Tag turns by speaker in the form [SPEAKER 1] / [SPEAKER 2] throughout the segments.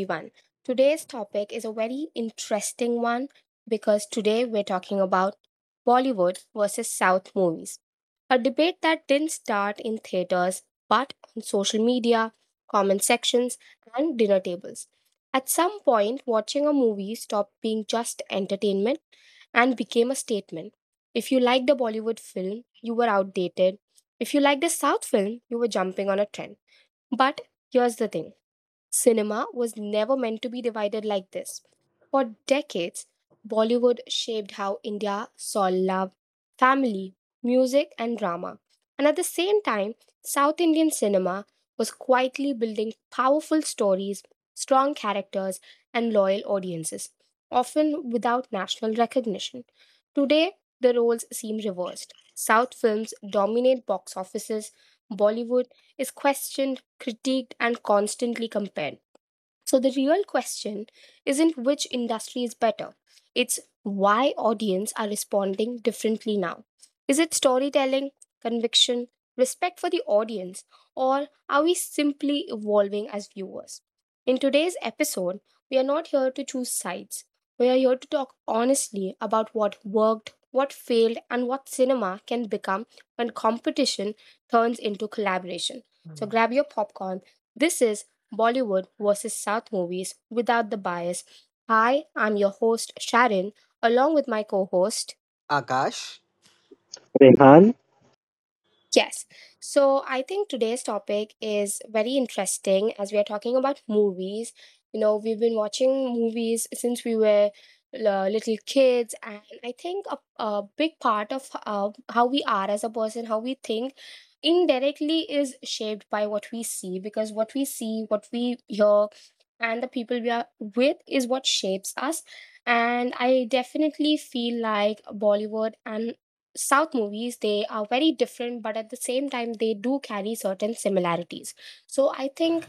[SPEAKER 1] everyone. Today's topic is a very interesting one because today we're talking about Bollywood versus South movies, a debate that didn't start in theaters but on social media, comment sections, and dinner tables. At some point, watching a movie stopped being just entertainment and became a statement. If you liked a Bollywood film, you were outdated. If you liked a South film, you were jumping on a trend. But here's the thing. Cinema was never meant to be divided like this. For decades, Bollywood shaped how India saw love, family, music, and drama. And at the same time, South Indian cinema was quietly building powerful stories, strong characters, and loyal audiences, often without national recognition. Today, the roles seem reversed. South films dominate box offices, Bollywood is questioned, critiqued, and constantly compared. So the real question isn't which industry is better. It's why audience are responding differently now. Is it storytelling, conviction, respect for the audience, or are we simply evolving as viewers? In today's episode, we are not here to choose sides. We are here to talk honestly about what worked, what failed, and what cinema can become when competition turns into collaboration. So grab your popcorn. This is Bollywood versus South movies without the bias. Hi, I'm your host, Sharon, along with my co host.
[SPEAKER 2] Akash?
[SPEAKER 3] Rehan,
[SPEAKER 1] Yes. So I think today's topic is very interesting as we are talking about movies. You know, we've been watching movies since we were little kids, and I think a big part of how we are as a person, how we think, indirectly is shaped by what we see, because what we see, what we hear, and the people we are with is what shapes us. And I definitely feel like Bollywood and South movies, they are very different, but at the same time they do carry certain similarities. So I think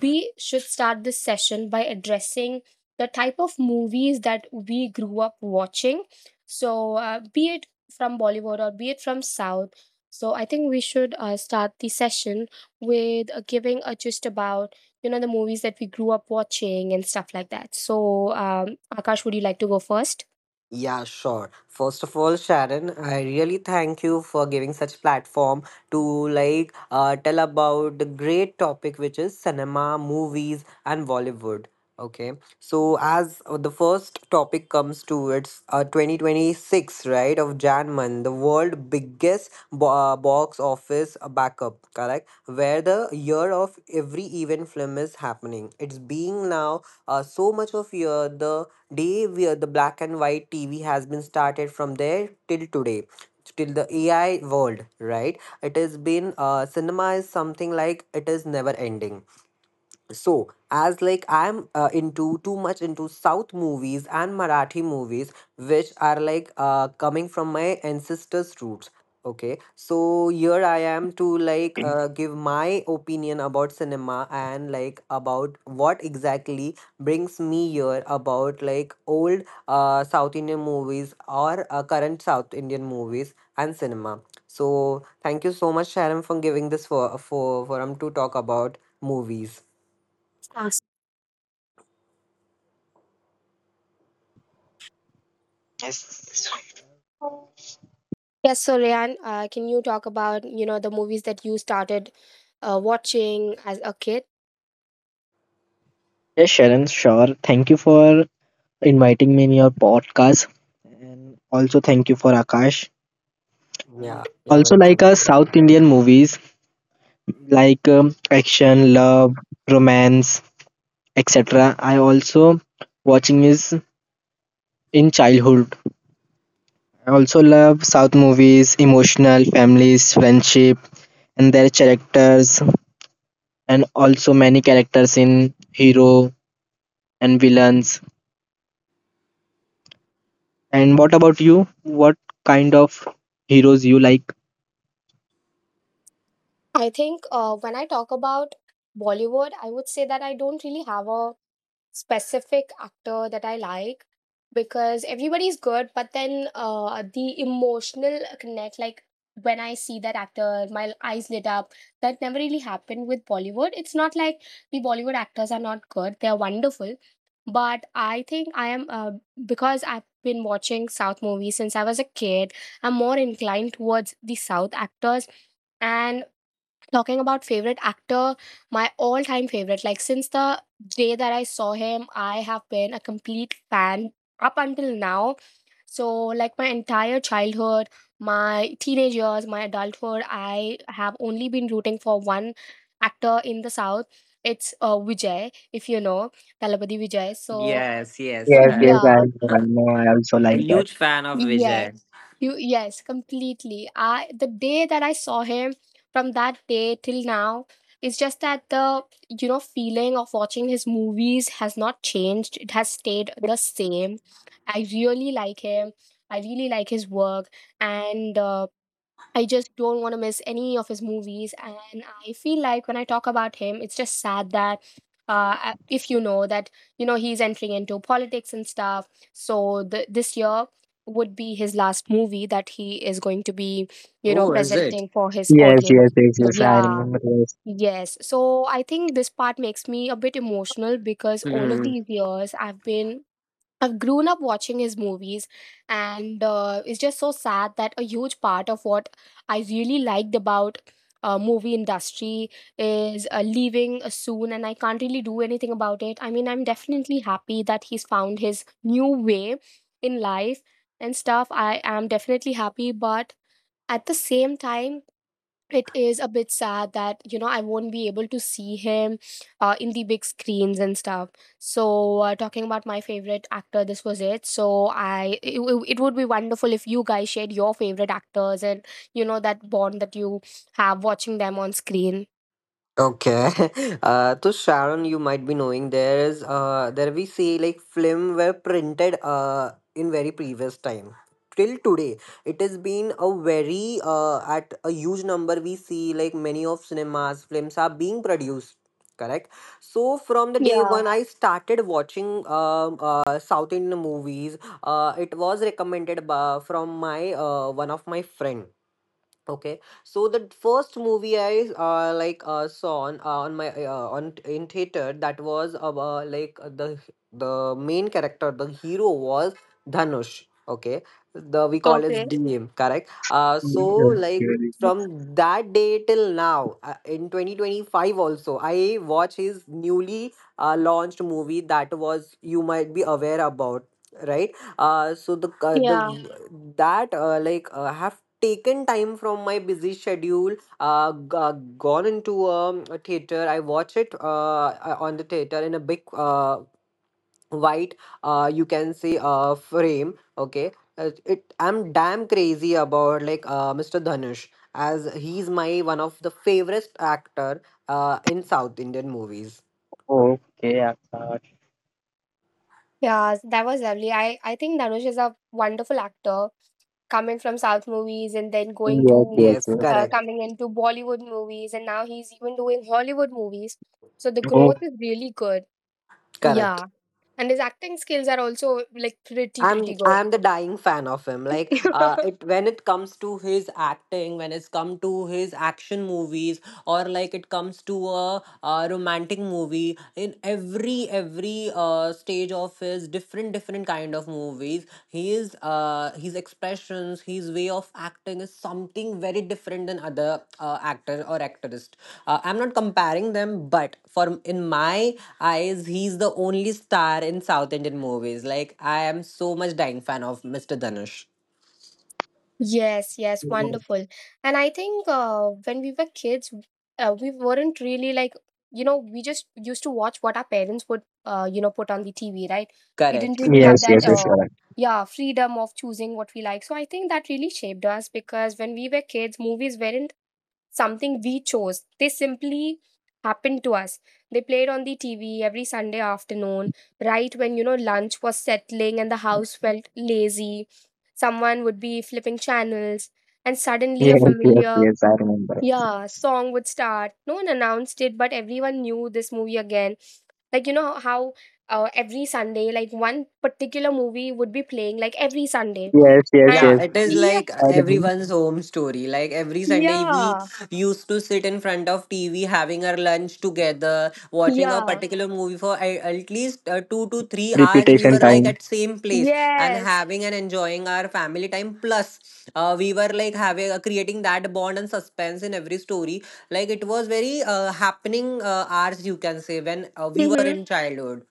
[SPEAKER 1] we should start this session by addressing the type of movies that we grew up watching. So be it from Bollywood or be it from South, so I think we should start the session with giving a gist about you know the movies that we grew up watching and stuff like that. So Akash, would you like to go first?
[SPEAKER 2] Yeah, sure. First of all, Sharon, I really thank you for giving such platform to tell about the great topic which is cinema, movies, and Bollywood. Okay. So as the first topic comes to it's 2026, right, of Jan month, the world biggest box office backup, correct? Where the year of every event film is happening. It's being now so much of year the day where the black and white TV has been started from there till today. Till the AI world, right? It has been cinema is something like it is never ending. So as like I'm into too much into south movies and marathi movies which are like coming from my ancestors roots. Okay, so here I am to give my opinion about cinema and like about what exactly brings me here about like old south indian movies or current south indian movies and cinema. So thank you so much Sharon for giving this for forum to talk about movies.
[SPEAKER 3] yes.
[SPEAKER 1] Yes, so Ryan, can you talk about you know the movies that you started watching as a kid?
[SPEAKER 3] Yes, Sharon, sure. Thank you for inviting me in your podcast, and also thank you for Akash. I
[SPEAKER 2] Yeah, you're
[SPEAKER 3] also like
[SPEAKER 2] welcome.
[SPEAKER 3] South Indian movies like action, love, romance, etc. I also watching is in childhood. I also love South movies, emotional families, friendship, and their characters, and also many characters in hero and villains. And what about you? What kind of heroes you like?
[SPEAKER 1] I think when I talk about Bollywood, I would say that I don't really have a specific actor that I like because everybody's good, but then the emotional connect, like when I see that actor, my eyes lit up. That never really happened with Bollywood. It's not like the Bollywood actors are not good; they are wonderful. But I think I am because I've been watching South movies since I was a kid, I'm more inclined towards the South actors. And talking about favorite actor, my all time favorite, like since the day that I saw him, I have been a complete fan up until now. So, like my entire childhood, my teenage years, my adulthood, I have only been rooting for one actor in the South. It's Vijay, if you know, Talapati Vijay. So,
[SPEAKER 2] Yes, yes.
[SPEAKER 3] Yes,
[SPEAKER 2] Correct.
[SPEAKER 3] yes, I
[SPEAKER 1] yeah,
[SPEAKER 3] know, I know, I also
[SPEAKER 2] A
[SPEAKER 3] like that.
[SPEAKER 2] huge fan of
[SPEAKER 1] yes.
[SPEAKER 2] Vijay.
[SPEAKER 1] You, yes, completely. I the day that I saw him, from that day till now, it's just that the you know feeling of watching his movies has not changed. It has stayed the same. I really like him. I really like his work, and I just don't want to miss any of his movies. And I feel like when I talk about him, it's just sad that if you know that, you know, he's entering into politics and stuff. So this year would be his last movie that he is going to be, you know,
[SPEAKER 2] Oh, is it?
[SPEAKER 1] presenting for his
[SPEAKER 3] Yes, yes,
[SPEAKER 1] audience.
[SPEAKER 3] yes, yes, I
[SPEAKER 1] Yeah.
[SPEAKER 3] remember. Yes.
[SPEAKER 1] Yes. So I think this part makes me a bit emotional because all of these years I've grown up watching his movies, and it's just so sad that a huge part of what I really liked about movie industry is leaving soon, and I can't really do anything about it. I mean, I'm definitely happy that he's found his new way in life and stuff. I am definitely happy, but at the same time, it is a bit sad that you know I won't be able to see him in the big screens and stuff. So talking about my favorite actor, this was it. So it would be wonderful if you guys shared your favorite actors and you know that bond that you have watching them on screen.
[SPEAKER 2] Okay. To Sharon, you might be knowing there is there we see like film were printed in very previous time. Till today, it has been a very at a huge number. We see like many of cinemas films are being produced. Correct. So from the day
[SPEAKER 1] Yeah.
[SPEAKER 2] when I started watching South Indian movies, it was recommended by, from my one of my friend. Okay, so the first movie I like saw on my on in theater, that was like the main character the hero was Dhanush. Okay, the we call
[SPEAKER 1] Okay.
[SPEAKER 2] it DM, correct? So like from that day till now in 2025 also I watch his newly launched movie. That was, you might be aware about, right? So the
[SPEAKER 1] Yeah.
[SPEAKER 2] that like have taken time from my busy schedule, gone into a theater, I watch it on the theater in a big white you can say frame. Okay, it I'm damn crazy about like Mr. Dhanush, as he's my one of the favorite actor in south indian movies.
[SPEAKER 3] Okay, Akash.
[SPEAKER 1] Yeah, that was lovely. I think Dhanush is a wonderful actor, coming from South movies and then going
[SPEAKER 3] Yes,
[SPEAKER 1] to
[SPEAKER 3] yes,
[SPEAKER 2] Yes,
[SPEAKER 3] yes.
[SPEAKER 2] correct,
[SPEAKER 1] coming into Bollywood movies, and now he's even doing Hollywood movies. So the
[SPEAKER 3] Oh,
[SPEAKER 1] growth is really good.
[SPEAKER 2] correct.
[SPEAKER 1] Yeah, and his acting skills are also like pretty
[SPEAKER 2] I'm
[SPEAKER 1] pretty good.
[SPEAKER 2] I'm the dying fan of him. Like it when it comes to his acting, when it's come to his action movies, or like it comes to a romantic movie. In every stage of his different kind of movies, his is his expressions, his way of acting is something very different than other actors or actors. I'm not comparing them, but for in my eyes, he's the only star in South Indian movies. Like I am so much dying fan of Mr. Dhanush.
[SPEAKER 1] Yes, yes, wonderful. And I think when we were kids, we weren't really like, you know, we just used to watch what our parents would, you know, put on the TV, right? We didn't
[SPEAKER 2] Correct.
[SPEAKER 1] really have
[SPEAKER 3] yes,
[SPEAKER 1] that,
[SPEAKER 3] yes, yes, you're right.
[SPEAKER 1] yeah, freedom of choosing what we like. So I think that really shaped us, because when we were kids, movies weren't something we chose. They simply happened to us. They played on the TV every Sunday afternoon, right when, you know, lunch was settling and the house felt lazy. Someone would be flipping channels, and suddenly a
[SPEAKER 3] Yes, yes,
[SPEAKER 1] familiar,
[SPEAKER 3] yes, I remember.
[SPEAKER 1] yeah, song would start. No one announced it, but everyone knew this movie again. Like, you know how every Sunday, like one particular movie would be playing like every Sunday.
[SPEAKER 3] Yes, yes,
[SPEAKER 2] Yeah,
[SPEAKER 1] And
[SPEAKER 3] yes,
[SPEAKER 2] it is
[SPEAKER 1] yeah,
[SPEAKER 2] like
[SPEAKER 3] I remember.
[SPEAKER 2] everyone's home story. Like every Sunday, we
[SPEAKER 1] yeah,
[SPEAKER 2] used to sit in front of TV having our lunch together, watching a
[SPEAKER 1] yeah,
[SPEAKER 2] particular movie for at least 2 to 3 hours. We were
[SPEAKER 3] Repetition
[SPEAKER 2] like
[SPEAKER 3] time.
[SPEAKER 2] at same place and
[SPEAKER 1] yes.
[SPEAKER 2] having and enjoying our family time. Plus, we were like having creating that bond and suspense in every story. Like it was very happening hours, you can say, when we were
[SPEAKER 1] Hmm.
[SPEAKER 2] in childhood,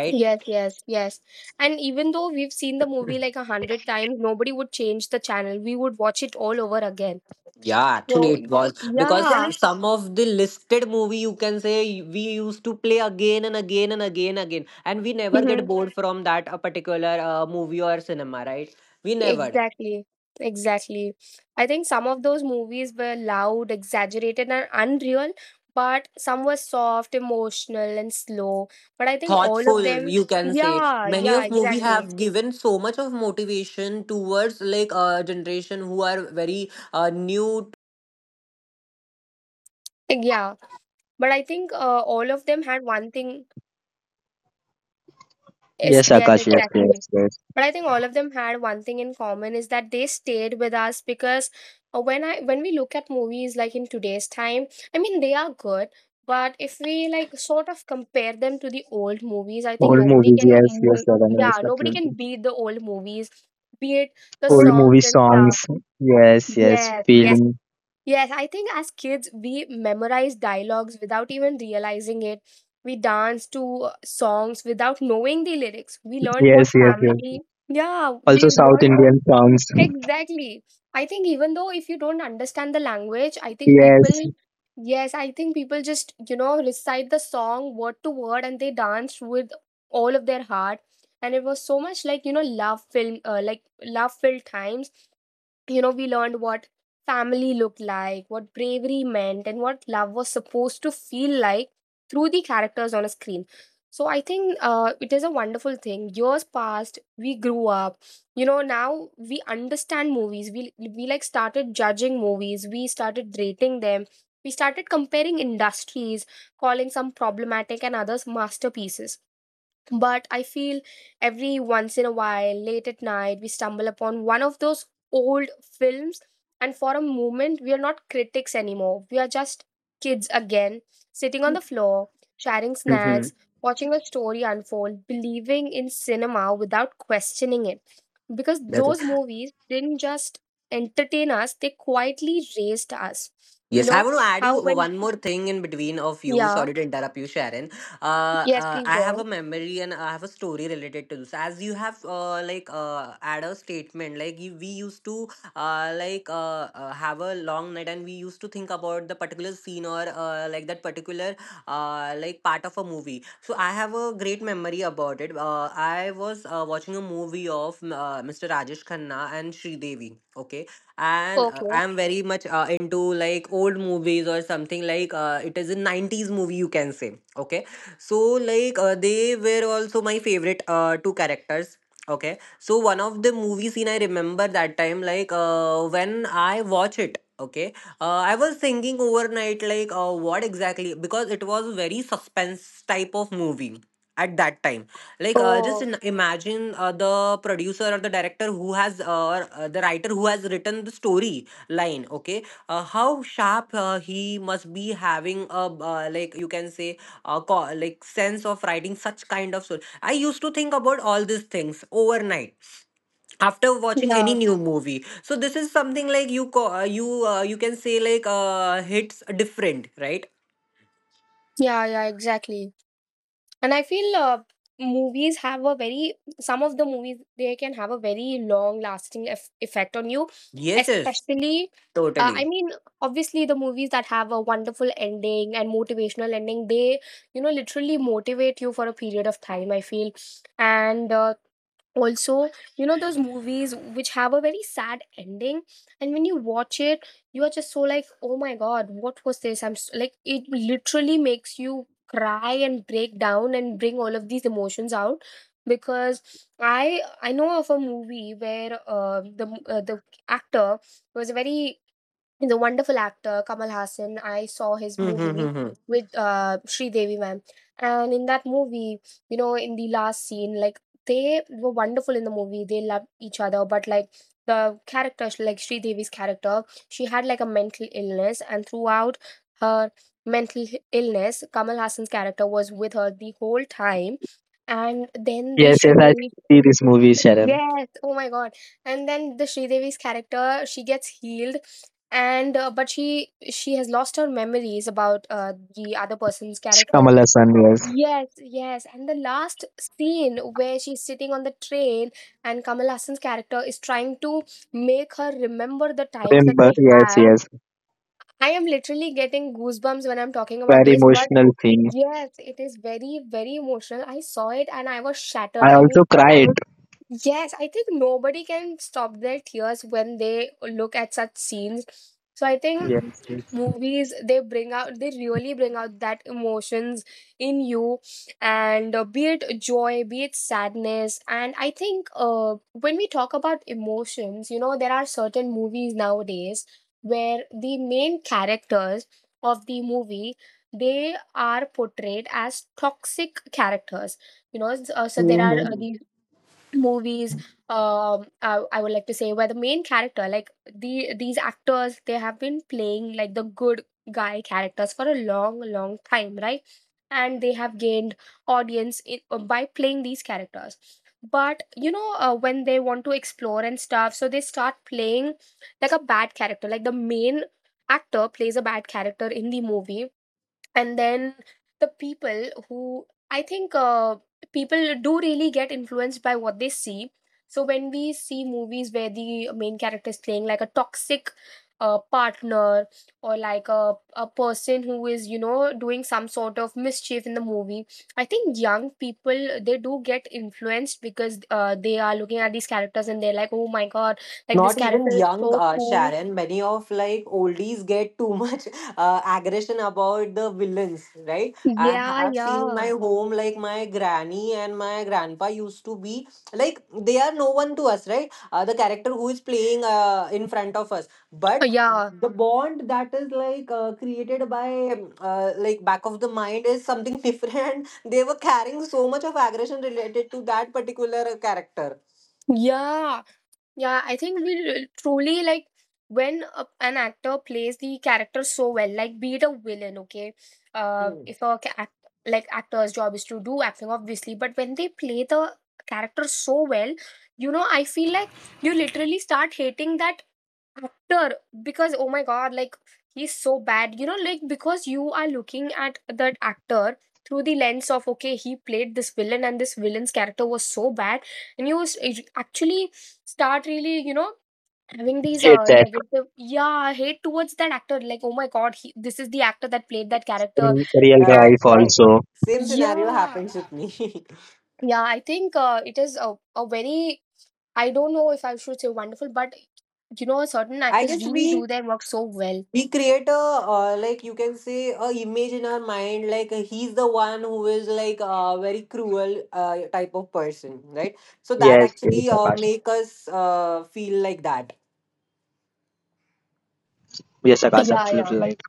[SPEAKER 2] right?
[SPEAKER 1] Yes, yes, yes. And even though we've seen the movie like a hundred times, nobody would change the channel. We would watch it all over again.
[SPEAKER 2] Yeah, actually
[SPEAKER 1] So,
[SPEAKER 2] it was because
[SPEAKER 1] yeah,
[SPEAKER 2] exactly some of the listed movie, you can say, we used to play again and again and again, and we never get
[SPEAKER 1] hmm,
[SPEAKER 2] bored from that a particular movie or cinema, right? We never
[SPEAKER 1] exactly, exactly. I think some of those movies were loud, exaggerated, and unreal, but some were soft, emotional, and slow. But I think all of
[SPEAKER 2] thoughtful,
[SPEAKER 1] them,
[SPEAKER 2] you can say,
[SPEAKER 1] yeah,
[SPEAKER 2] many
[SPEAKER 1] yeah,
[SPEAKER 2] of movie
[SPEAKER 1] exactly.
[SPEAKER 2] have given so much of motivation towards like a generation who are very new.
[SPEAKER 1] Like, yeah, but I think all of them had one thing. Is
[SPEAKER 3] Yes,
[SPEAKER 1] yes,
[SPEAKER 3] Akash. Yes, yes,
[SPEAKER 1] exactly.
[SPEAKER 3] yes, yes.
[SPEAKER 1] but I think all of them had one thing in common is that they stayed with us, because when I when we look at movies like in today's time, I mean they are good, but if we like sort of compare them to the old movies, I think
[SPEAKER 3] Old
[SPEAKER 1] nobody
[SPEAKER 3] movies,
[SPEAKER 1] can
[SPEAKER 3] yes, yes, I remember. Yes,
[SPEAKER 1] yeah, nobody can
[SPEAKER 3] absolutely.
[SPEAKER 1] beat the old movies, be it the
[SPEAKER 3] Old movie
[SPEAKER 1] songs and stuff.
[SPEAKER 3] songs. Yes, yes,
[SPEAKER 1] Yes, yes.
[SPEAKER 3] feeling.
[SPEAKER 1] Yes, I think as kids, we memorize dialogues without even realizing it. We dance to songs without knowing the lyrics. We learned what
[SPEAKER 3] Yes, yes, yes.
[SPEAKER 1] family, yeah,
[SPEAKER 3] Also
[SPEAKER 1] we
[SPEAKER 3] South
[SPEAKER 1] learned what,
[SPEAKER 3] Indian songs.
[SPEAKER 1] exactly. I think even though if you don't understand the language, I think
[SPEAKER 3] Yes,
[SPEAKER 1] people, yes, I think people just, you know, recite the song word to word and they dance with all of their heart. And it was so much like, you know, love film, like love filled times. You know, we learned what family looked like, what bravery meant, and what love was supposed to feel like through the characters on a screen. So I think it is a wonderful thing. Years passed, we grew up. You know, now we understand movies. We like started judging movies. We started rating them. We started comparing industries, calling some problematic and others masterpieces, but I feel every once in a while, late at night, we stumble upon one of those old films, and for a moment, we are not critics anymore. We are just kids again, sitting on the floor, sharing
[SPEAKER 2] Hmm.
[SPEAKER 1] snacks, watching a story unfold, believing in cinema without questioning it. Because
[SPEAKER 2] That's it.
[SPEAKER 1] those movies didn't just entertain us, they quietly raised us. You
[SPEAKER 2] Yes, I
[SPEAKER 1] know,
[SPEAKER 2] want to add
[SPEAKER 1] how
[SPEAKER 2] you
[SPEAKER 1] when,
[SPEAKER 2] one more thing in between of you.
[SPEAKER 1] yeah,
[SPEAKER 2] Sorry to interrupt you, Sharon.
[SPEAKER 1] yes, please
[SPEAKER 2] I
[SPEAKER 1] go
[SPEAKER 2] have a
[SPEAKER 1] on.
[SPEAKER 2] memory and I have a story related to this. As you have like add a statement, like you, we used to like have a long night and we used to think about the particular scene or like that particular like part of a movie. So I have a great memory about it. I was watching a movie of Mr. Rajesh Khanna and Sri Devi. Okay, and
[SPEAKER 1] Okay.
[SPEAKER 2] I'm very much into like old movies or something like it is a 90s movie, you can say. Okay, so like they were also my favorite two characters. Okay, so one of the movie scene I remember that time, like when I watch it. Okay, I was thinking overnight, like, what exactly? Because it was a very suspense type of movie at that time. Like, just
[SPEAKER 1] Oh,
[SPEAKER 2] in, imagine the producer or the director who has, the writer who has written the story line, okay? How sharp he must be having a, like, you can say, like, sense of writing such kind of story. I used to think about all these things overnight after watching any
[SPEAKER 1] yeah.
[SPEAKER 2] new movie. So this is something like you you you can say like hits different, right?
[SPEAKER 1] Yeah, yeah, exactly. And I feel movies have a very, some of the movies, they can have a very long lasting effect on you.
[SPEAKER 2] Yes, yes,
[SPEAKER 1] Especially,
[SPEAKER 2] totally.
[SPEAKER 1] I mean, obviously, the movies that have a wonderful ending and motivational ending, they, you know, literally motivate you for a period of time, I feel. And also you know those movies which have a very sad ending, and when you watch it you are just so like, oh my god, what was this, I'm s like it literally makes you cry and break down and bring all of these emotions out. Because I know of a movie where the actor was very, the wonderful actor Kamal Hassan. I saw his movie
[SPEAKER 2] Mm-hmm.
[SPEAKER 1] with Devi ma'am, and in that movie, you know, in the last scene, like they were wonderful in the movie. They loved each other, but like the character, like Sri Devi's character, she had like a mental illness, and throughout her mental illness, Kamal Hassan's character was with her the whole time. And then the
[SPEAKER 3] yes, yes. I
[SPEAKER 1] Sridevi
[SPEAKER 3] see this movie, Sharon.
[SPEAKER 1] Yes. Oh my God. And then the Sridevi's character, she gets healed, and but she has lost her memories about the other person's character.
[SPEAKER 3] Kamal Hassan, yes.
[SPEAKER 1] Yes, yes. And the last scene where she's sitting on the train and Kamal Hassan's character is trying to make her remember the times that
[SPEAKER 3] Remember,
[SPEAKER 1] they
[SPEAKER 3] yes,
[SPEAKER 1] had.
[SPEAKER 3] yes.
[SPEAKER 1] I am literally getting goosebumps when I'm talking about
[SPEAKER 3] Very
[SPEAKER 1] this, but
[SPEAKER 3] emotional thing.
[SPEAKER 1] yes, it is very, very emotional. I saw it and I was shattered.
[SPEAKER 3] I
[SPEAKER 1] I
[SPEAKER 3] also
[SPEAKER 1] mean,
[SPEAKER 3] cried.
[SPEAKER 1] yes, I think nobody can stop their tears when they look at such scenes. So I think
[SPEAKER 3] Yes, yes.
[SPEAKER 1] movies they really bring out that emotions in you, and be it joy, be it sadness. And I think when we talk about emotions, there are certain movies nowadays where the main characters of the movie, they are portrayed as toxic characters, so there are these movies, I would like to say, where the main character, like these actors, they have been playing like the good guy characters for a long long time, right? And they have gained audience by playing these characters. But when they want to explore and stuff, so they start playing like a bad character, like the main actor plays a bad character in the movie. And then, the people who I think, people do really get influenced by what they see. So when we see movies where the main character is playing like a toxic partner or like a person who is doing some sort of mischief in the movie, I think young people, they do get influenced, because they are looking at these characters and they're like, oh my god, like this
[SPEAKER 2] Not even
[SPEAKER 1] character is
[SPEAKER 2] young
[SPEAKER 1] so cool.
[SPEAKER 2] Sharon, many of like oldies get too much aggression about the villains, right? I
[SPEAKER 1] Yeah,
[SPEAKER 2] have seen in my
[SPEAKER 1] yeah,
[SPEAKER 2] home, like my granny and my grandpa used to be like they are no one to us, right? The character who is playing in front of us, but
[SPEAKER 1] yeah,
[SPEAKER 2] the bond that is like created by like back of the mind is something different. They were carrying so much of aggression related to that particular character.
[SPEAKER 1] yeah. Yeah, I think we truly, like when an actor plays the character so well, like be it a villain, okay?
[SPEAKER 2] Hmm.
[SPEAKER 1] If a ca- act, like actor's job is to do acting, obviously, but when they play the character so well, I feel like you literally start hating that actor, because oh my god, like he's so bad, like, because you are looking at that actor through the lens of, okay, he played this villain and this villain's character was so bad, and you actually start really having these
[SPEAKER 3] Hate that.
[SPEAKER 1] negative, yeah, hate towards that actor, like oh my god, this is the actor that played that character.
[SPEAKER 3] In real
[SPEAKER 1] And
[SPEAKER 2] Correct,
[SPEAKER 3] life
[SPEAKER 2] correct.
[SPEAKER 3] also.
[SPEAKER 2] Same scenario
[SPEAKER 1] yeah,
[SPEAKER 2] happens with me.
[SPEAKER 1] yeah, I think it is a very, I don't know if I should say wonderful, but you know certain
[SPEAKER 2] I
[SPEAKER 1] actors
[SPEAKER 2] guess
[SPEAKER 1] really do
[SPEAKER 2] we
[SPEAKER 1] their work so well.
[SPEAKER 2] we create a like you can say a image in our mind, like he's the one who is like a very cruel type of person, right? So that
[SPEAKER 3] Yes, yes,
[SPEAKER 2] actually
[SPEAKER 3] Akash.
[SPEAKER 2] make us feel like that.
[SPEAKER 3] Yes, Akash,
[SPEAKER 1] Yeah, yeah.
[SPEAKER 3] absolutely right.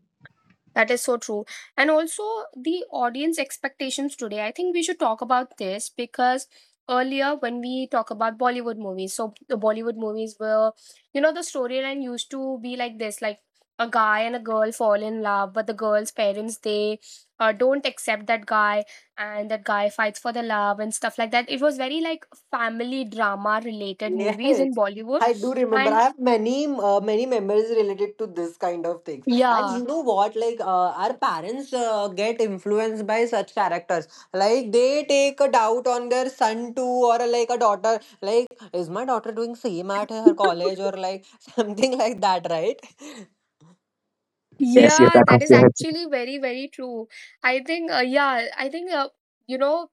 [SPEAKER 1] That is so true. And also the audience expectations today. I think we should talk about this, because earlier when we talk about Bollywood movies, so the Bollywood movies were, the storyline used to be like this, like a guy and a girl fall in love, but the girl's parents, they don't accept that guy, and that guy fights for the love and stuff like that. It was very like family drama related
[SPEAKER 2] Yes,
[SPEAKER 1] movies in Bollywood,
[SPEAKER 2] I do remember. I
[SPEAKER 1] and
[SPEAKER 2] have many many memories related to this kind of things. And
[SPEAKER 1] yeah.
[SPEAKER 2] you know what? Like our parents get influenced by such characters. Like they take a doubt on their son too, or like a daughter. Like is my daughter doing same at her college or like something like that, right?
[SPEAKER 3] Yes, yes,
[SPEAKER 1] Yeah, that
[SPEAKER 3] Akash,
[SPEAKER 1] is
[SPEAKER 3] yes.
[SPEAKER 1] actually very, very true. I think, yeah, I think, you know,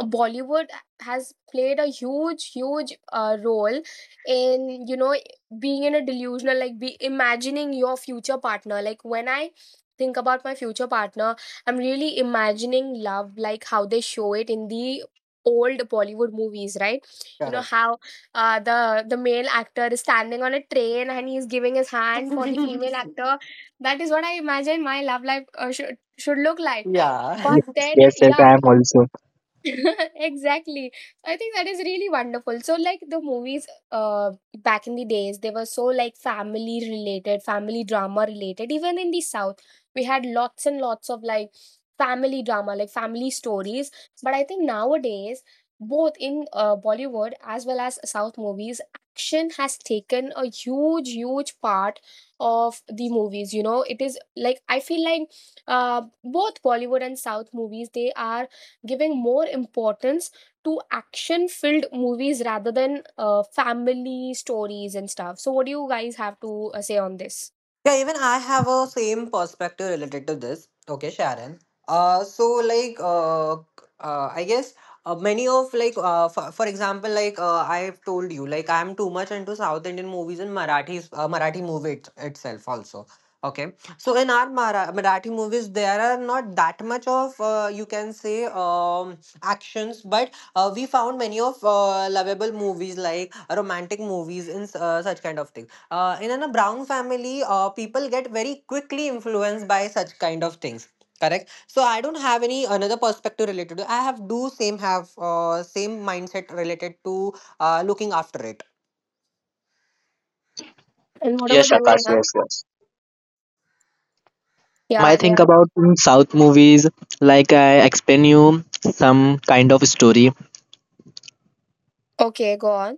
[SPEAKER 1] Bollywood has played a huge huge role in, being in a delusional, like be imagining your future partner. Like when I think about my future partner, I'm really imagining love, like how they show it in the old Bollywood movies, right? You know
[SPEAKER 2] Correct.
[SPEAKER 1] how, the male actor is standing on a train and he's giving his hand for the female actor. That is what I imagine my love life should look like.
[SPEAKER 2] Yeah.
[SPEAKER 1] But
[SPEAKER 3] Yes,
[SPEAKER 1] then,
[SPEAKER 3] yes, yes,
[SPEAKER 1] yeah.
[SPEAKER 3] I am also.
[SPEAKER 1] Exactly. So, I think that is really wonderful. So like the movies, uh back in the days, they were so like family related, family drama related. Even in the South, we had lots and lots of like family drama, like family stories. But I think nowadays, both in Bollywood as well as South movies, action has taken a huge huge part of the movies. You know, it is like I feel like both Bollywood and South movies, they are giving more importance to action filled movies rather than family stories and stuff. So, what do you guys have to say on this?
[SPEAKER 2] Yeah, even I have a same perspective related to this. Okay, Sharon. Uh, so like, uh, I guess many of like, for example, like I've told you, like I'm too much into South Indian movies and Marathi, Marathi movie itself also. Okay, so in our Marathi movies, there are not that much of you can say actions, but we found many of lovable movies like romantic movies in such kind of things in an- a brown family people get very quickly influenced by such kind of things. Correct, so I don't have any another perspective related to. I have do same, have same mindset related to looking after it.
[SPEAKER 1] And what
[SPEAKER 3] Yes,
[SPEAKER 1] about you,
[SPEAKER 3] Akash, yes,
[SPEAKER 1] Rehan?
[SPEAKER 3] yes. My
[SPEAKER 1] Yeah,
[SPEAKER 3] think
[SPEAKER 1] Rehan.
[SPEAKER 3] about South movies, like I explain you some kind of story.
[SPEAKER 1] Okay, go on.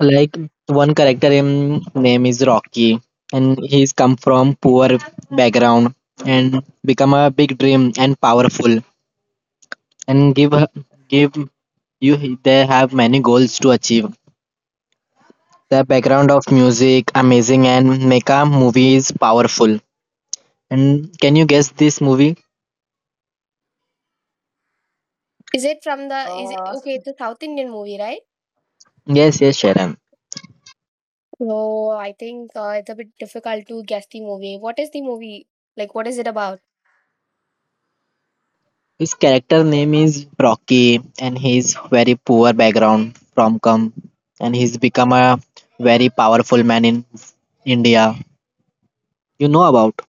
[SPEAKER 3] Like one character in name is Rocky and he's come from poor background and become a big dream and powerful and give you they have many goals to achieve. The background of music amazing and make a movie is powerful. And can you guess this movie?
[SPEAKER 1] Is it from the? Is it okay? It's a South Indian movie, right?
[SPEAKER 3] Yes, yes, Sharon.
[SPEAKER 1] No, I think it's a bit difficult to guess the movie. What is the movie? Like, what is it about?
[SPEAKER 3] His character name is Rocky and he's very poor background from come and he's become a very powerful man in India. You know about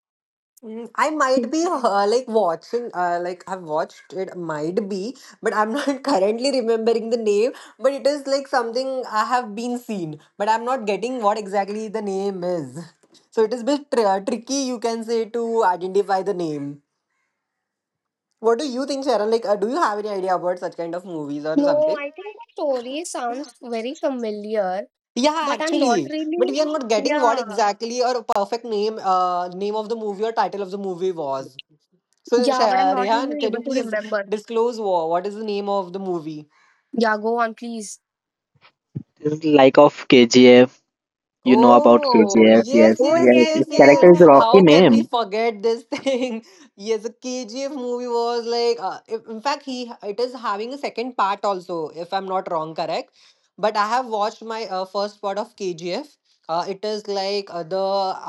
[SPEAKER 2] Mm, I might be
[SPEAKER 1] Hmm.
[SPEAKER 2] like watching, like I have watched it, might be, but I'm not currently remembering the name. But it is like something I have been seen, but I'm not getting what exactly the name is. So it is bit tricky, you can say, to identify the name. What do you think, Sharon? Like, do you have any idea about such kind of movies or
[SPEAKER 1] No,
[SPEAKER 2] something?
[SPEAKER 1] I think the story sounds very familiar,
[SPEAKER 2] Yeah,
[SPEAKER 1] but I'm not
[SPEAKER 2] actually, but
[SPEAKER 1] really.
[SPEAKER 2] we are not getting what
[SPEAKER 1] Yeah,
[SPEAKER 2] exactly or a perfect name, name of the movie or title of the movie was. So,
[SPEAKER 1] yeah, but I'm not
[SPEAKER 2] Rehan,
[SPEAKER 1] really
[SPEAKER 2] can you
[SPEAKER 1] able to
[SPEAKER 2] please
[SPEAKER 1] remember.
[SPEAKER 2] disclose what is the name of the movie?
[SPEAKER 1] Yeah, go on, please.
[SPEAKER 3] like of KGF. You know about
[SPEAKER 2] Oh,
[SPEAKER 3] KGF,
[SPEAKER 2] yes,
[SPEAKER 3] yes,
[SPEAKER 1] Oh
[SPEAKER 2] yes,
[SPEAKER 3] yes.
[SPEAKER 1] yes,
[SPEAKER 2] yes,
[SPEAKER 3] Its
[SPEAKER 2] yes.
[SPEAKER 3] character
[SPEAKER 1] yeah.
[SPEAKER 3] is Rocky
[SPEAKER 2] How can we
[SPEAKER 3] name.
[SPEAKER 2] forget this thing? Yes, the KGF movie was like, in fact, he it is having a second part also, if I'm not wrong, correct? But I have watched my first part of KGF. It is like the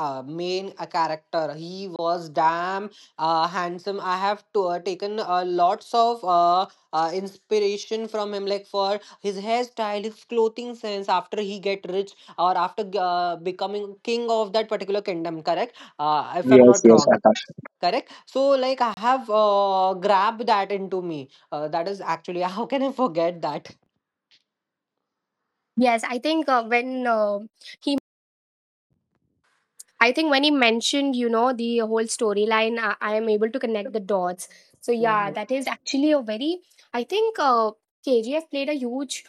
[SPEAKER 2] main character. He was damn handsome. I have to, taken lots of inspiration from him, like for his hairstyle, his clothing sense. After he get rich, or after becoming king of that particular kingdom, correct? If I'm
[SPEAKER 3] Yes,
[SPEAKER 2] not
[SPEAKER 3] yes,
[SPEAKER 2] wrong,
[SPEAKER 3] Akash.
[SPEAKER 2] correct? So like I have grabbed that into me, that is actually how can I forget that.
[SPEAKER 1] Yes, I think when he mentioned, the whole storyline, I am able to connect the dots. So yeah,
[SPEAKER 2] Mhm.
[SPEAKER 1] that is actually a very. I think KGF played a huge,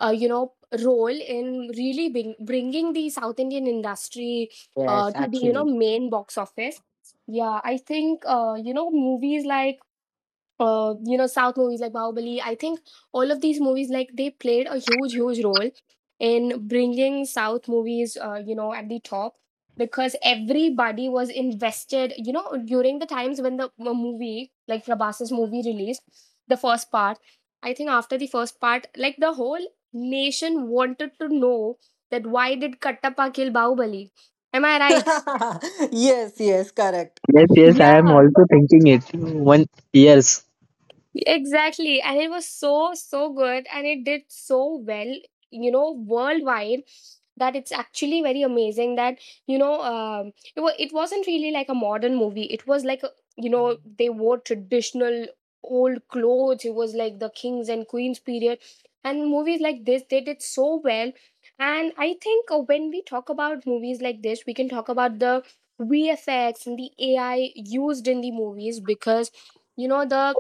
[SPEAKER 1] uh, you know, role in really bringing the South Indian industry
[SPEAKER 2] Yes,
[SPEAKER 1] to the,
[SPEAKER 2] actually.
[SPEAKER 1] main box office. Yeah, I think, movies like, South movies like Bahubali. I think all of these movies, like, they played a huge, huge role in bringing South movies, you know, at the top, because everybody was invested, during the times when the movie, like Prabhas's movie released, the first part. I think after the first part, like, the whole nation wanted to know that why did Kattappa kill Bahubali? Am I right?
[SPEAKER 2] Yes, yes, correct.
[SPEAKER 3] Yes, yes. I am
[SPEAKER 1] Yeah,
[SPEAKER 3] also thinking it. One, yes.
[SPEAKER 1] exactly. And it was so, so good. And it did so well, worldwide, that it's actually very amazing that, it wasn't really like a modern movie. It was like, they wore traditional old clothes. It was like the kings and queens period. And movies like this, they did so well. And I think when we talk about movies like this, we can talk about the VFX and the AI used in the movies, because, you know, the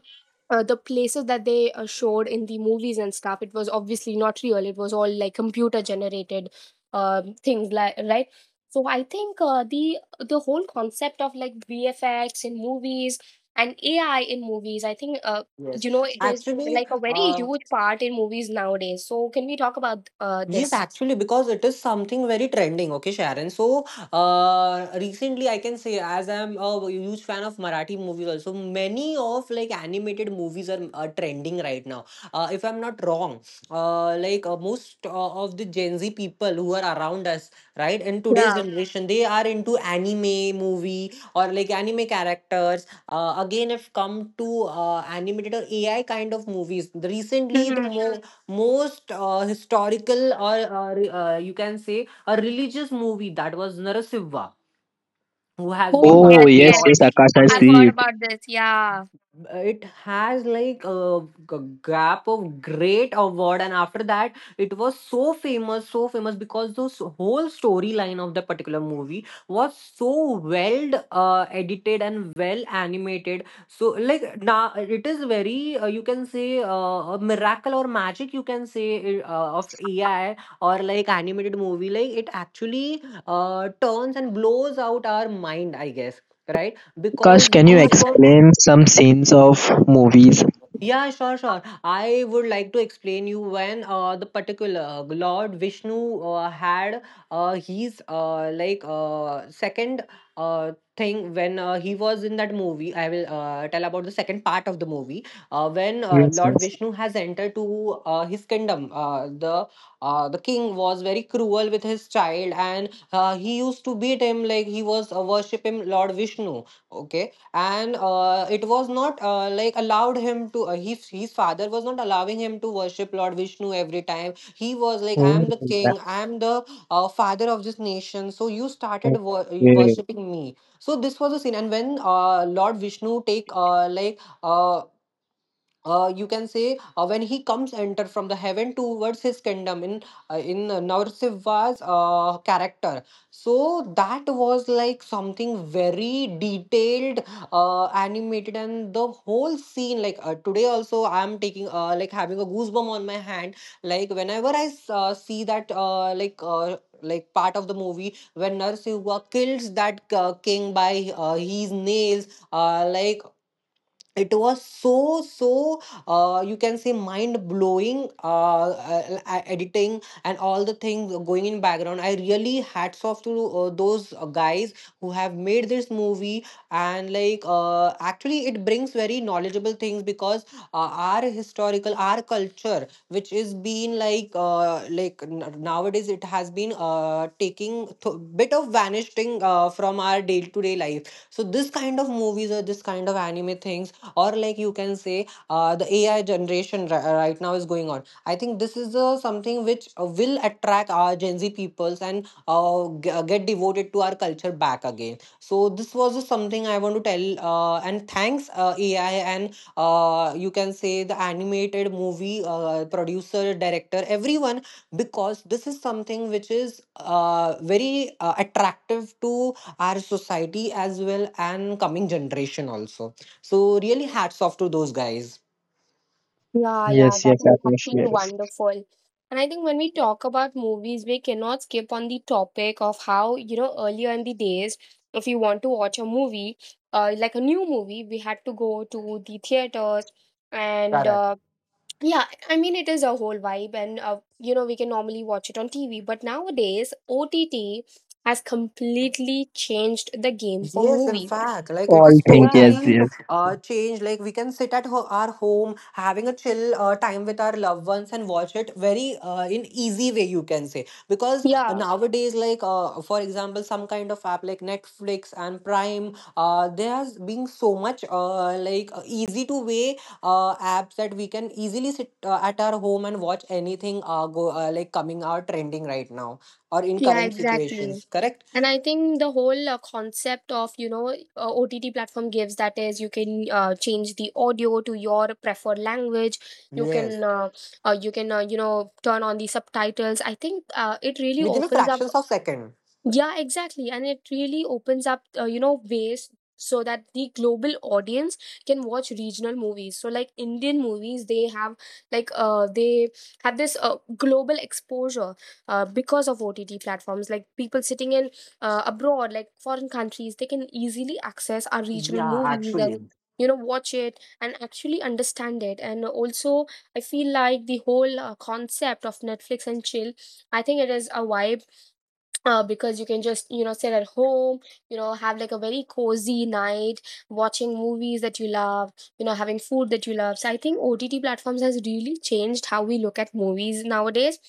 [SPEAKER 1] the places that they showed in the movies and stuff, it was obviously not real. It was all like computer generated things, like, right? So I think the whole concept of like VFX in movies and AI in movies, I think,
[SPEAKER 2] Yes,
[SPEAKER 1] it is
[SPEAKER 2] actually,
[SPEAKER 1] like a very huge part in movies nowadays. So can we talk about
[SPEAKER 2] yes,
[SPEAKER 1] this?
[SPEAKER 2] actually, because it is something very trending. Okay, Sharon. So, recently I can say, as I'm a huge fan of Marathi movies, also many of like animated movies are trending right now. If I'm not wrong, most of the Gen Z people who are around us, right, in today's
[SPEAKER 1] Yeah.
[SPEAKER 2] generation, they are into anime movie or like anime characters. Again, if come to animated or AI kind of movies, recently the
[SPEAKER 1] Mm-hmm.
[SPEAKER 2] more most historical or you can say a religious movie, that was Narasiva, who has been
[SPEAKER 3] Oh yes, yes.
[SPEAKER 2] launched.
[SPEAKER 3] Akash, I
[SPEAKER 2] Yes,
[SPEAKER 3] see it.
[SPEAKER 2] it has like a gap of great award, and after that it was so famous because the whole storyline of the particular movie was so well edited and well animated. So like now it is very you can say a miracle or magic, you can say, of AI or like animated movie. Like it actually turns and blows out our mind, I guess, right?
[SPEAKER 3] Akash,
[SPEAKER 2] Because the
[SPEAKER 3] can you
[SPEAKER 2] goosebumps.
[SPEAKER 3] explain some scenes of movies?
[SPEAKER 2] Yeah, sure, sure. I would like to explain you when the particular Lord Vishnu had his second thing when he was in that movie. I will tell about the second part of the movie when
[SPEAKER 3] Yes,
[SPEAKER 2] Lord
[SPEAKER 3] yes.
[SPEAKER 2] Vishnu has entered to his kingdom. The the king was very cruel with his child, and he used to beat him, like he was worship him Lord Vishnu. Okay, and it was not like allowed him to his father was not allowing him to worship Lord Vishnu. Every time he was like, I
[SPEAKER 3] Oh,
[SPEAKER 2] am the
[SPEAKER 3] yeah.
[SPEAKER 2] king, I am the father of this nation, so you started
[SPEAKER 3] Okay.
[SPEAKER 2] worshipping me. So this was a scene. And when Lord Vishnu take you can say, when he comes enter from the heaven towards his kingdom, in Narsivha's character, so that was like something very detailed animated. And the whole scene, like today also I am taking having a goosebump on my hand, like whenever I see that like part of the movie when Narsivha kills that king by his nails. Like, it was so you can say mind blowing, editing and all the things going in background. I really hats off to those guys who have made this movie. And like actually it brings very knowledgeable things, because our historical, our culture, which is been like nowadays it has been taking bit of vanishing from our day to day life. So this kind of movies or this kind of anime things, or like you can say the AI generation right now is going on. I think this is something which will attract our Gen Z peoples and get devoted to our culture back again. So this was just something I want to tell, and thanks AI and you can say the animated movie producer, director, everyone, because this is something which is very attractive to our society as well and coming generation also. So really hats off to those guys.
[SPEAKER 1] Yeah, yeah,
[SPEAKER 3] Yes,
[SPEAKER 1] that
[SPEAKER 3] yes,
[SPEAKER 1] was
[SPEAKER 3] Akash,
[SPEAKER 1] actually
[SPEAKER 3] yes.
[SPEAKER 1] wonderful. And I think when we talk about movies, we cannot skip on the topic of how, earlier in the days, if you want to watch a movie, like a new movie, we had to go to the theaters. And
[SPEAKER 2] Correct.
[SPEAKER 1] yeah, I mean, it is a whole vibe. And, we can normally watch it on TV. But nowadays, OTT has completely changed the game for
[SPEAKER 2] Yes, in
[SPEAKER 1] movies.
[SPEAKER 2] fact, like it
[SPEAKER 3] All
[SPEAKER 2] is
[SPEAKER 3] think
[SPEAKER 1] Yeah,
[SPEAKER 3] yes,
[SPEAKER 2] totally
[SPEAKER 3] yes.
[SPEAKER 2] changed. Like we can sit at ho our home, having a chill time with our loved ones and watch it very in easy way, you can say. Because
[SPEAKER 1] yeah,
[SPEAKER 2] nowadays, like for example, some kind of app like Netflix and Prime, there has been so much easy to way apps that we can easily sit at our home and watch anything go like coming out trending right now or in
[SPEAKER 1] yeah,
[SPEAKER 2] current
[SPEAKER 1] exactly.
[SPEAKER 2] situations. Correct?
[SPEAKER 1] And I think the whole concept of, OTT platform gives, that is, you can change the audio to your preferred language. You
[SPEAKER 2] Yes,
[SPEAKER 1] can you can you know turn on the subtitles. I think it really
[SPEAKER 2] within a
[SPEAKER 1] opens up,
[SPEAKER 2] fractions of second.
[SPEAKER 1] yeah, exactly. And it really opens up, ways so that the global audience can watch regional movies. So, like Indian movies, they have this global exposure, because of OTT platforms. Like people sitting in, abroad, like foreign countries, they can easily access our regional
[SPEAKER 2] Yeah,
[SPEAKER 1] movies and
[SPEAKER 2] actually.
[SPEAKER 1] watch it and actually understand it. And also, I feel like the whole concept of Netflix and chill. I think it is a vibe, because you can just, sit at home, have like a very cozy night watching movies that you love, having food that you love. So I think OTT platforms has really changed how we look at movies nowadays.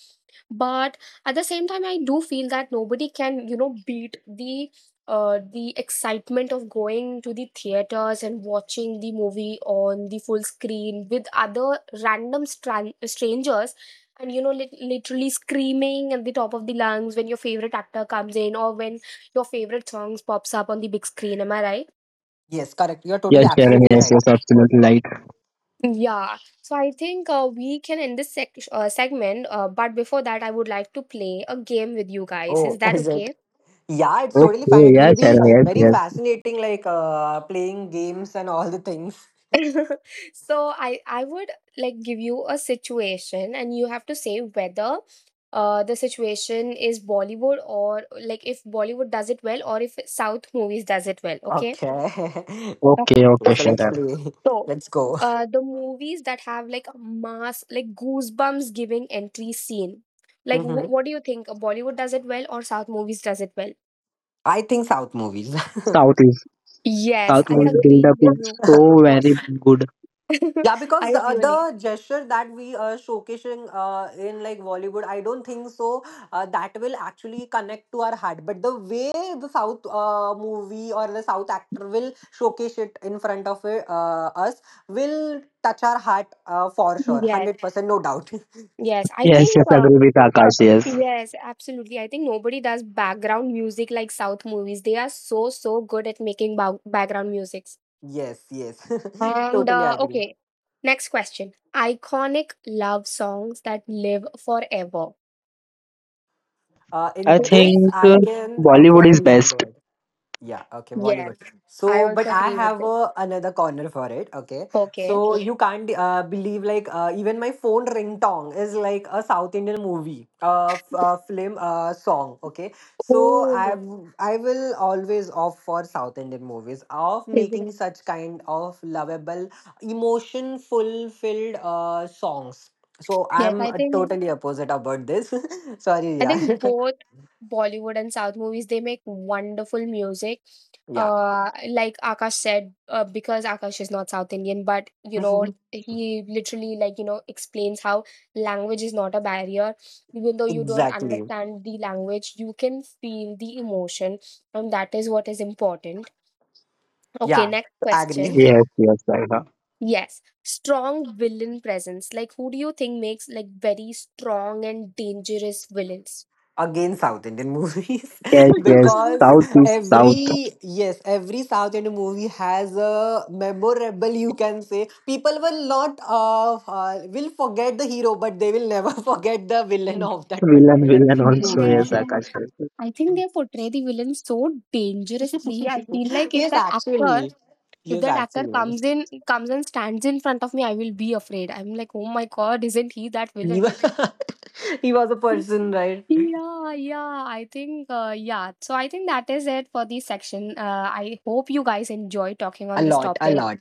[SPEAKER 1] But at the same time, I do feel that nobody can, beat the excitement of going to the theaters and watching the movie on the full screen with other random strangers, and literally screaming at the top of the lungs when your favorite actor comes in, or when your favorite songs pops up on the big screen. Am I right?
[SPEAKER 2] Yes, correct. You're totally
[SPEAKER 3] Yes, Sharon,
[SPEAKER 2] absolutely
[SPEAKER 3] yes,
[SPEAKER 2] right.
[SPEAKER 3] yes, absolutely right.
[SPEAKER 1] Yeah. So I think we can end this segment, but before that, I would like to play a game with you guys. Is
[SPEAKER 2] Oh,
[SPEAKER 1] that
[SPEAKER 2] is it?
[SPEAKER 1] okay?
[SPEAKER 2] Yeah, it's totally
[SPEAKER 3] Okay,
[SPEAKER 2] fine. It will
[SPEAKER 3] yes,
[SPEAKER 2] be
[SPEAKER 3] Sharon, yes,
[SPEAKER 2] very
[SPEAKER 3] yes.
[SPEAKER 2] fascinating, like playing games and all the things.
[SPEAKER 1] So I would like give you a situation and you have to say whether the situation is Bollywood, or like if Bollywood does it well or if South movies does it well. Okay.
[SPEAKER 2] Okay.
[SPEAKER 3] Okay,
[SPEAKER 1] Okay.
[SPEAKER 2] Okay,
[SPEAKER 3] okay,
[SPEAKER 2] so let's
[SPEAKER 3] Sharon.
[SPEAKER 2] play.
[SPEAKER 1] So,
[SPEAKER 2] Let's go.
[SPEAKER 1] the movies that have like a mass, like goosebumps giving entry scene. Like,
[SPEAKER 2] Mhm.
[SPEAKER 1] what do you think? Bollywood does it well or South movies does it well?
[SPEAKER 2] I think South movies.
[SPEAKER 3] South is
[SPEAKER 1] Yes,
[SPEAKER 3] South
[SPEAKER 1] I
[SPEAKER 3] movie
[SPEAKER 1] agree
[SPEAKER 3] build-up
[SPEAKER 1] with
[SPEAKER 3] is
[SPEAKER 1] you.
[SPEAKER 3] so very good.
[SPEAKER 2] Yeah, because
[SPEAKER 1] I
[SPEAKER 2] the
[SPEAKER 1] really.
[SPEAKER 2] other gesture that we are showcasing in like Bollywood, I don't think so. That will actually connect to our heart. But the way the South movie or the South actor will showcase it in front of us will touch our heart for sure, one
[SPEAKER 1] Yes,
[SPEAKER 2] hundred percent, no doubt.
[SPEAKER 1] yes. I
[SPEAKER 3] Yes,
[SPEAKER 1] think,
[SPEAKER 3] yes, agree with Akash. Yes,
[SPEAKER 1] yes, absolutely. I think nobody does background music like South movies. They are so, so good at making background musics.
[SPEAKER 2] Yes, yes,
[SPEAKER 1] And,
[SPEAKER 2] totally agree.
[SPEAKER 1] okay, next question. Iconic love songs that live forever.
[SPEAKER 3] I
[SPEAKER 2] In this,
[SPEAKER 3] think
[SPEAKER 2] I can, okay.
[SPEAKER 3] Bollywood is
[SPEAKER 2] Every hand, go
[SPEAKER 3] best.
[SPEAKER 2] ahead. Yeah, okay,
[SPEAKER 1] Yes.
[SPEAKER 2] Bollywood.
[SPEAKER 1] I
[SPEAKER 2] So,
[SPEAKER 1] also
[SPEAKER 2] but I
[SPEAKER 1] agree with
[SPEAKER 2] have
[SPEAKER 1] this.
[SPEAKER 2] a, another corner for it, okay?
[SPEAKER 1] Okay.
[SPEAKER 2] So you can't believe, like even my phone ringtone is like a South Indian movie, film song, okay? So
[SPEAKER 1] Oh,
[SPEAKER 2] I will always opt for South Indian movies, of
[SPEAKER 1] is it?
[SPEAKER 2] making such kind of lovable, emotion fulfilled songs. So
[SPEAKER 1] Yes,
[SPEAKER 2] I'm
[SPEAKER 1] I think
[SPEAKER 2] totally opposite about this. Sorry,
[SPEAKER 1] I
[SPEAKER 2] yeah.
[SPEAKER 1] think both Bollywood and South movies, they make wonderful music.
[SPEAKER 2] Yeah,
[SPEAKER 1] Like Akash said, because Akash is not South Indian, but he literally, like, explains how language is not a barrier. Even though you don't
[SPEAKER 2] exactly.
[SPEAKER 1] understand the language, you can feel the emotion, and that is what is important. Okay,
[SPEAKER 2] Yeah,
[SPEAKER 1] next
[SPEAKER 2] agree.
[SPEAKER 1] question.
[SPEAKER 3] Yes, yes, I know.
[SPEAKER 1] Yes, strong villain presence. Like, who do you think makes like very strong and dangerous villains?
[SPEAKER 2] Again, South Indian movies.
[SPEAKER 3] Yes, yes,
[SPEAKER 2] Because
[SPEAKER 3] South is South.
[SPEAKER 2] every, yes, every South Indian movie has a memorable, you can say, people will not will forget the hero, but they will never forget the villain of that
[SPEAKER 3] Villain,
[SPEAKER 2] particular
[SPEAKER 3] villain also.
[SPEAKER 1] Yeah,
[SPEAKER 3] Yes,
[SPEAKER 2] movie.
[SPEAKER 3] Akash.
[SPEAKER 1] I think they portray the villain so dangerously. I feel like
[SPEAKER 2] Yes, actually,
[SPEAKER 1] if
[SPEAKER 2] yes,
[SPEAKER 1] that actor
[SPEAKER 2] actually,
[SPEAKER 1] comes in, comes and stands in front of me, I will be afraid. I'm like, oh my god, isn't he that
[SPEAKER 2] he
[SPEAKER 1] villain?
[SPEAKER 2] was, he was a person, right?
[SPEAKER 1] Yeah, yeah, I think, yeah. So I think that is it for this section. I hope you guys enjoy talking
[SPEAKER 2] A
[SPEAKER 1] on this
[SPEAKER 2] lot, a
[SPEAKER 1] topic.
[SPEAKER 2] lot.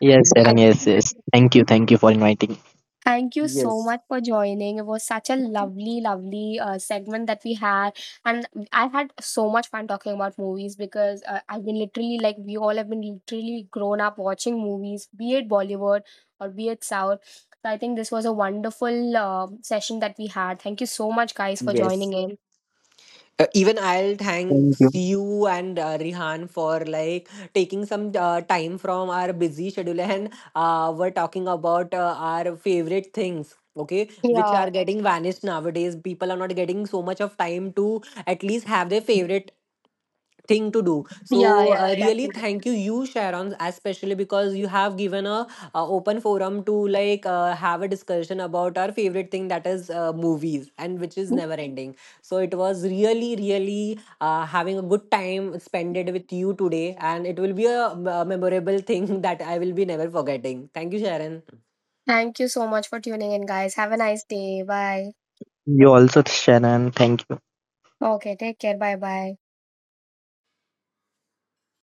[SPEAKER 3] Yes, Sharon.
[SPEAKER 1] And
[SPEAKER 3] Yes, yes. Thank you for inviting.
[SPEAKER 1] thank you so
[SPEAKER 2] Yes,
[SPEAKER 1] much for joining. It was such a lovely, lovely segment that we had. And I had so much fun talking about movies, because I've been literally like, we all have been literally grown up watching movies, be it Bollywood or be it South. So I think this was a wonderful session that we had. Thank you so much, guys, for joining
[SPEAKER 2] yes.
[SPEAKER 1] in.
[SPEAKER 2] Even I'll thank
[SPEAKER 3] Thank you.
[SPEAKER 2] you and Rihan for like taking some time from our busy schedule and we're talking about our favorite things. Okay, which
[SPEAKER 1] Yeah,
[SPEAKER 2] are getting vanished nowadays. People are not getting so much of time to at least have their favorite thing to do. So
[SPEAKER 1] yeah, yeah,
[SPEAKER 2] really
[SPEAKER 1] exactly.
[SPEAKER 2] thank you, Sharon, especially because you have given a, open forum to like have a discussion about our favorite thing, that is movies, and which is never ending. So it was really, really having a good time spent it with you today, and it will be a, memorable thing that I will be never forgetting. Thank you, Sharon.
[SPEAKER 1] Thank you so much for tuning in, guys. Have a nice day. Bye.
[SPEAKER 3] You also, Sharon. Thank you.
[SPEAKER 1] Okay, take care. Bye bye.